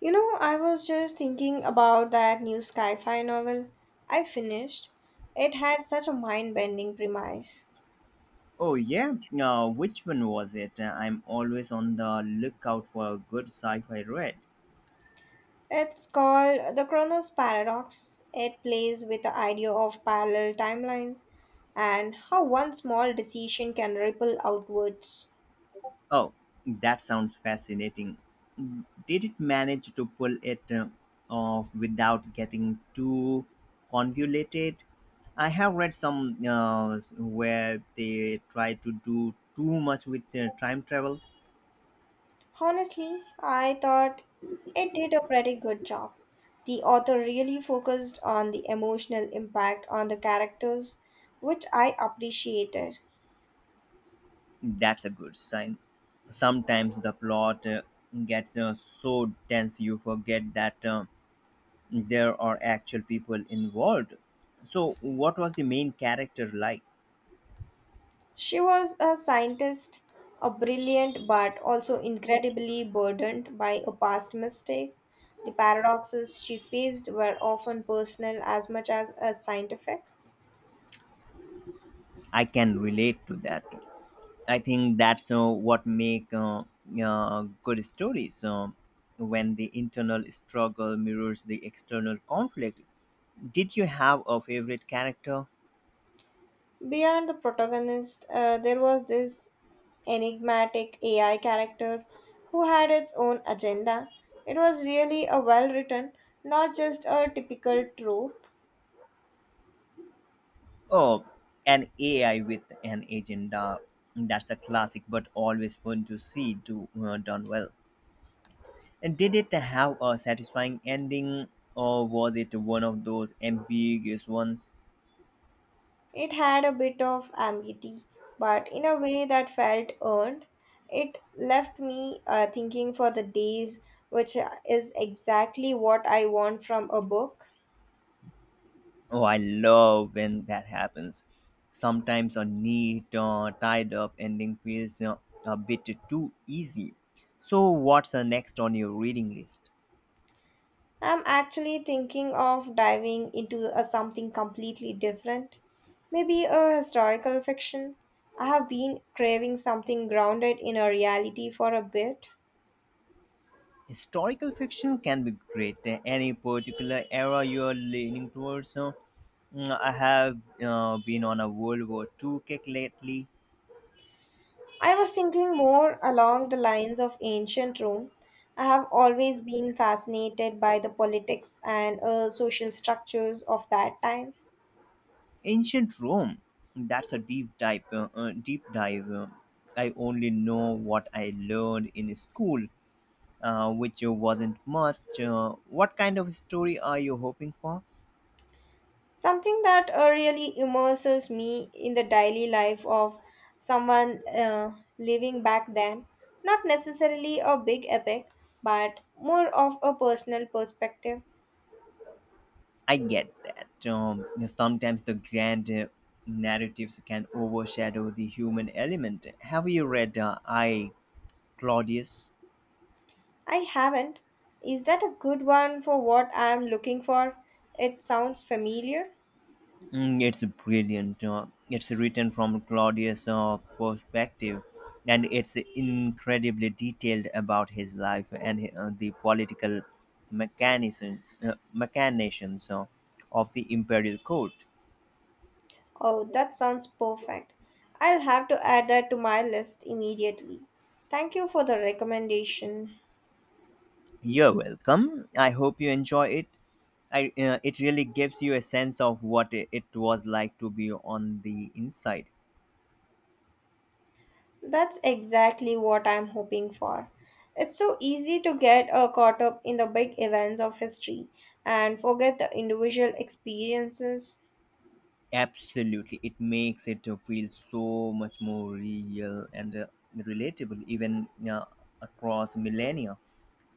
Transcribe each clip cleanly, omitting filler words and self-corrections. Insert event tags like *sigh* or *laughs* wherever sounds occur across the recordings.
You know, I was just thinking about that new sci fi novel I finished. It had such a mind bending premise. Oh yeah, which one was it? I'm always on the lookout for a good sci-fi read. It's called The Chronos Paradox. It plays with the idea of parallel timelines and how one small decision can ripple outwards. Oh, that sounds fascinating. Did it manage to pull it off without getting too convoluted? I have read some where they try to do too much with time travel. Honestly, I thought it did a pretty good job. The author really focused on the emotional impact on the characters, which I appreciated. That's a good sign. Sometimes the plot gets so dense you forget that. There are actual people involved. So what was the main character like? She was a scientist, a brilliant but also incredibly burdened by a past mistake. The paradoxes she faced were often personal as much as scientific. I can relate to that. I think that's what make good stories when the internal struggle mirrors the external conflict. Did you have a favorite character? Beyond the protagonist, there was this enigmatic AI character who had its own agenda. It was really a well written, not just a typical trope. Oh, an AI with an agenda. That's a classic but always fun to see done well. And did it have a satisfying ending, or was it one of those ambiguous ones? It had a bit of ambiguity, but in a way that felt earned. It left me thinking for the days, which is exactly what I want from a book. Oh, I love when that happens. Sometimes a neat, tied up ending feels a bit too easy. So, what's the next on your reading list? I'm actually thinking of diving into a something completely different, maybe a historical fiction. I have been craving something grounded in a reality for a bit. Historical fiction can be great. Any particular era you're leaning towards? I have been on a World War II kick lately. I was thinking more along the lines of ancient Rome. I have always been fascinated by the politics and social structures of that time. Ancient Rome. That's a deep dive. I only know what I learned in school, which wasn't much. What kind of story are you hoping for? Something that really immerses me in the daily life of someone living back then. Not necessarily a big epic, but more of a personal perspective. I get that. Sometimes the grand narratives can overshadow the human element. Have you read I, Claudius? I haven't. Is that a good one for what I am looking for? It sounds familiar. Mm, it's brilliant. It's written from Claudius' perspective, and it's incredibly detailed about his life and the political machinations of the imperial court. Oh, that sounds perfect. I'll have to add that to my list immediately. Thank you for the recommendation. You're welcome. I hope you enjoy it. It really gives you a sense of what it was like to be on the inside. That's exactly what I'm hoping for. It's so easy to get caught up in the big events of history and forget the individual experiences. Absolutely, it makes it feel so much more real and relatable, even across millennia.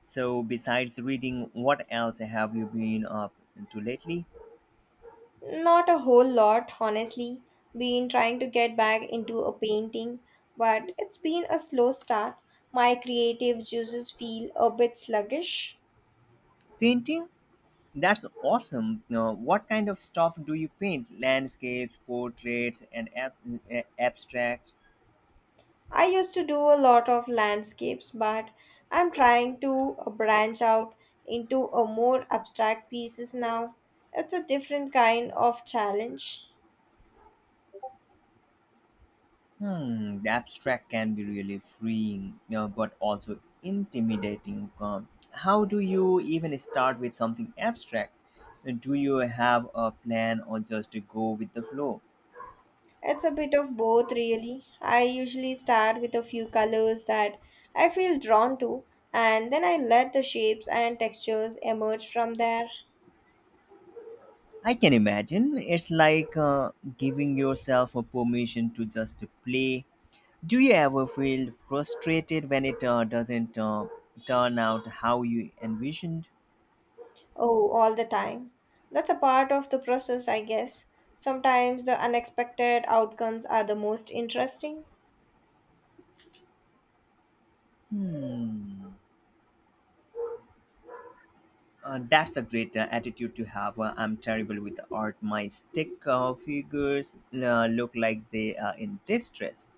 So, besides reading, what else have you been up to lately? Not a whole lot, honestly. Been trying to get back into a painting, but it's been a slow start. My creative juices feel a bit sluggish. Painting? That's awesome. What kind of stuff do you paint? Landscapes, portraits, and abstract? I used to do a lot of landscapes, but I'm trying to branch out into a more abstract pieces now. It's a different kind of challenge. Hmm, the abstract can be really freeing, but also intimidating. How do you even start with something abstract? Do you have a plan or just go with the flow? It's a bit of both, really. I usually start with a few colors that I feel drawn to, and then I let the shapes and textures emerge from there. I can imagine it's like giving yourself a permission to just play. Do you ever feel frustrated when it doesn't turn out how you envisioned? Oh, all the time. That's a part of the process, I guess. Sometimes the unexpected outcomes are the most interesting. Hmm. That's a great attitude to have. I'm terrible with art. My stick figures look like they are in distress.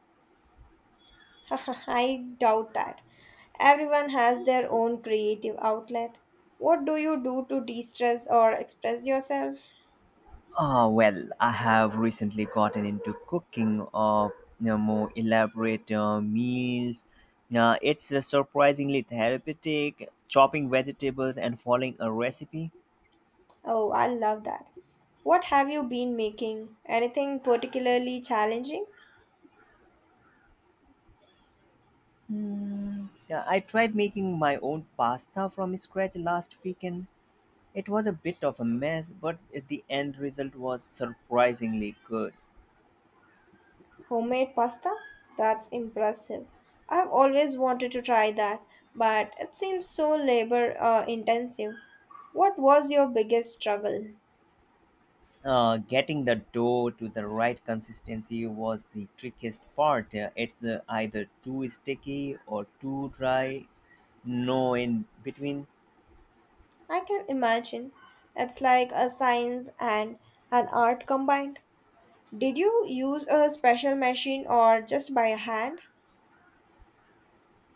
*laughs* I doubt that. Everyone has their own creative outlet. What do you do to de stress or express yourself? Oh, well, I have recently gotten into cooking of more elaborate meals. It's surprisingly therapeutic, chopping vegetables and following a recipe. Oh, I love that. What have you been making? Anything particularly challenging? I tried making my own pasta from scratch last weekend. It was a bit of a mess, but the end result was surprisingly good. Homemade pasta? That's impressive. I've always wanted to try that, but it seems so labor intensive. What was your biggest struggle? Getting the dough to the right consistency was the trickiest part. It's either too sticky or too dry, no in between. I can imagine. It's like a science and an art combined. Did you use a special machine or just by hand?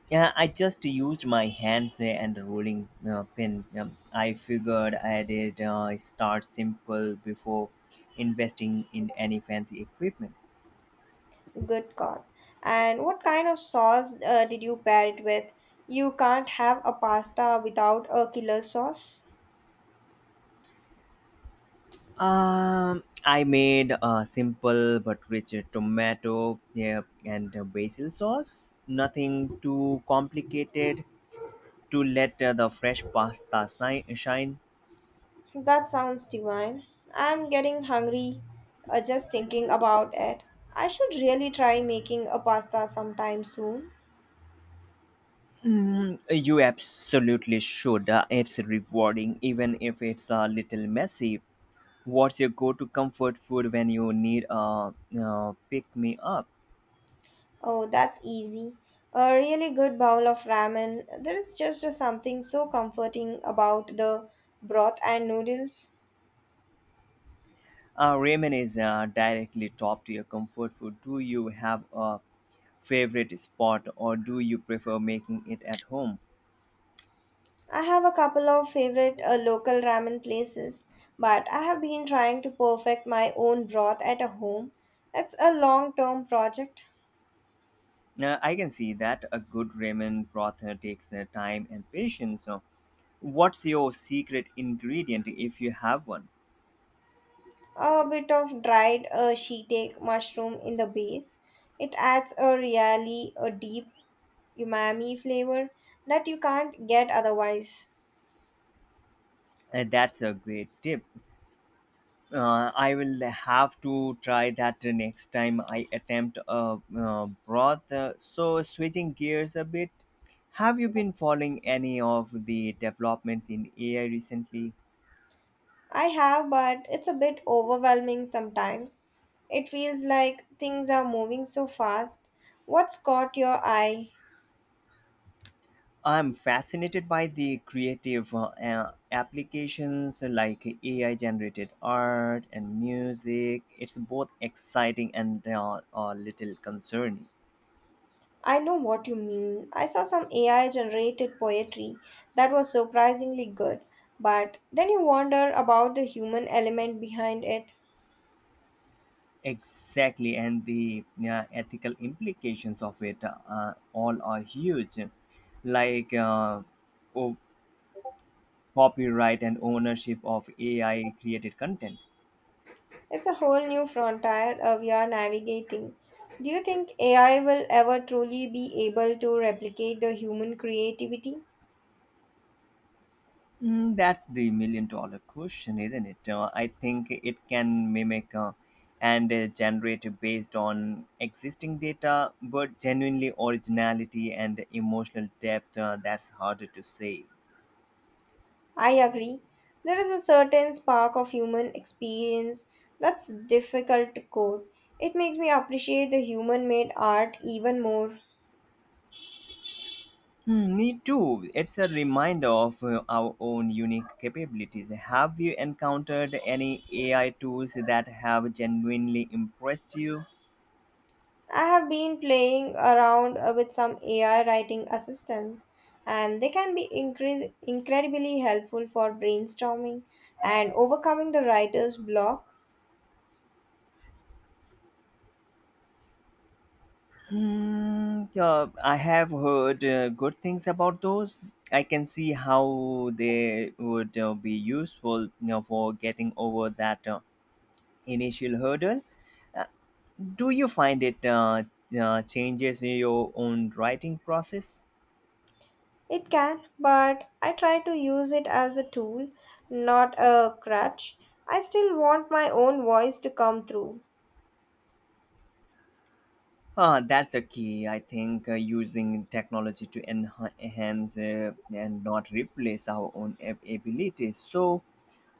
Yeah, I just used my hands and a rolling pin. I figured I did start simple before investing in any fancy equipment. Good God. And what kind of sauce did you pair it with? You can't have a pasta without a killer sauce. I made a simple but rich tomato, yeah, and a basil sauce. Nothing too complicated, to let the fresh pasta shine? That sounds divine. I'm getting hungry just thinking about it. I should really try making a pasta sometime soon. Mm, you absolutely should. It's rewarding, even if it's a little messy. What's your go to comfort food when you need a pick me up? Oh, that's easy. A really good bowl of ramen. There is just something so comforting about the broth and noodles. Ramen is directly top to your comfort food. Do you have a favorite spot or do you prefer making it at home? I have a couple of favorite local ramen places, but I have been trying to perfect my own broth at a home. It's a long term project. Now, I can see that a good ramen broth takes time and patience. So, what's your secret ingredient if you have one? A bit of dried shiitake mushroom in the base. It adds a really a deep umami flavor that you can't get otherwise. That's a great tip. I will have to try that next time I attempt a broth. So, switching gears a bit, have you been following any of the developments in AI recently? I have, but it's a bit overwhelming sometimes. It feels like things are moving so fast. What's caught your eye? I'm fascinated by the creative applications like AI generated art and music. It's both exciting and a little concerning. I know what you mean. I saw some AI generated poetry that was surprisingly good, but then you wonder about the human element behind it. Exactly, and the ethical implications of it all are huge, like o- copyright and ownership of AI created content. It's a whole new frontier we are navigating. Do you think AI will ever truly be able to replicate the human creativity? Mm, that's the million dollar question, isn't it? I think it can mimic and generate based on existing data, but genuinely originality and emotional depth that's harder to say. I agree. There is a certain spark of human experience that's difficult to code. It makes me appreciate the human made art even more. Hmm, me too. It's a reminder of our own unique capabilities. Have you encountered any AI tools that have genuinely impressed you? I have been playing around with some AI writing assistants, and they can be incredibly helpful for brainstorming and overcoming the writer's block. Hmm, I have heard good things about those. I can see how they would be useful for getting over that initial hurdle. Uh, do you find it changes your own writing process? It can, but I try to use it as a tool, not a crutch. I still want my own voice to come through. That's the key. I think using technology to enhance and not replace our own abilities. So,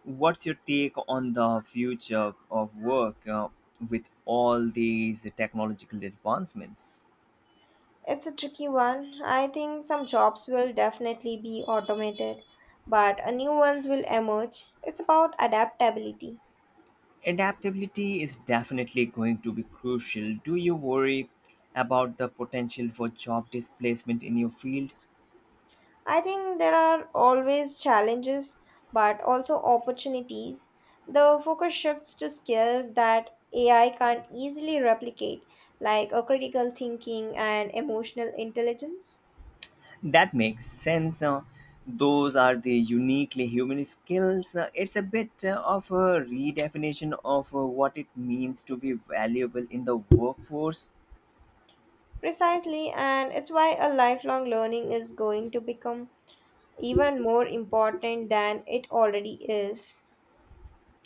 what's your take on the future of work with all these technological advancements? It's a tricky one. I think some jobs will definitely be automated, but a new ones will emerge. It's about adaptability. Adaptability is definitely going to be crucial. Do you worry about the potential for job displacement in your field? I think there are always challenges, but also opportunities. The focus shifts to skills that AI can't easily replicate, like a critical thinking and emotional intelligence. That makes sense. Those are the uniquely human skills. It's a bit of a redefinition of what it means to be valuable in the workforce. Precisely, and it's why a lifelong learning is going to become even more important than it already is.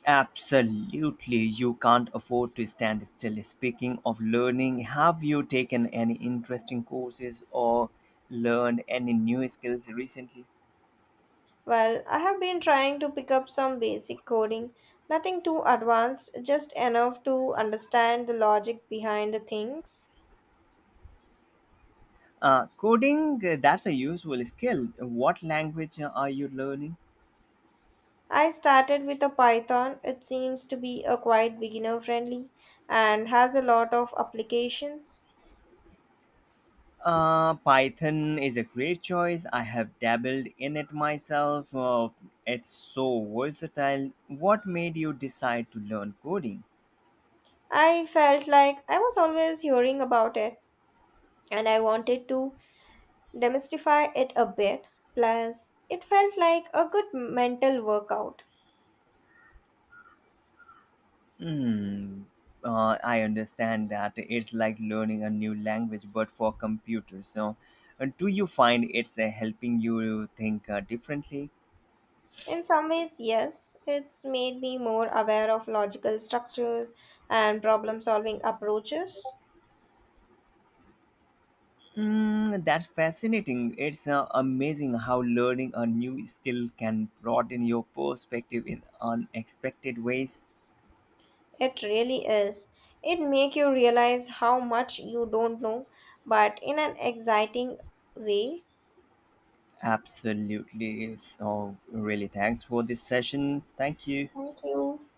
Absolutely, you can't afford to stand still. Speaking of learning, have you taken any interesting courses or learned any new skills recently? Well, I have been trying to pick up some basic coding, nothing too advanced, just enough to understand the logic behind the things. Coding, that's a useful skill. What language are you learning? I started with a Python. It seems to be a quite beginner friendly and has a lot of applications. Python is a great choice. I have dabbled in it myself. It's so versatile. What made you decide to learn coding? I felt like I was always hearing about it and I wanted to demystify it a bit. Plus, it felt like a good mental workout. Hmm. I understand that it's like learning a new language, but for computers. So, do you find it's helping you think differently? In some ways, yes, it's made me more aware of logical structures and problem solving approaches. Mm, that's fascinating. It's amazing how learning a new skill can broaden your perspective in unexpected ways. It really is. It make you realize how much you don't know, but in an exciting way. Absolutely. So, really, thanks for this session. Thank you. Thank you.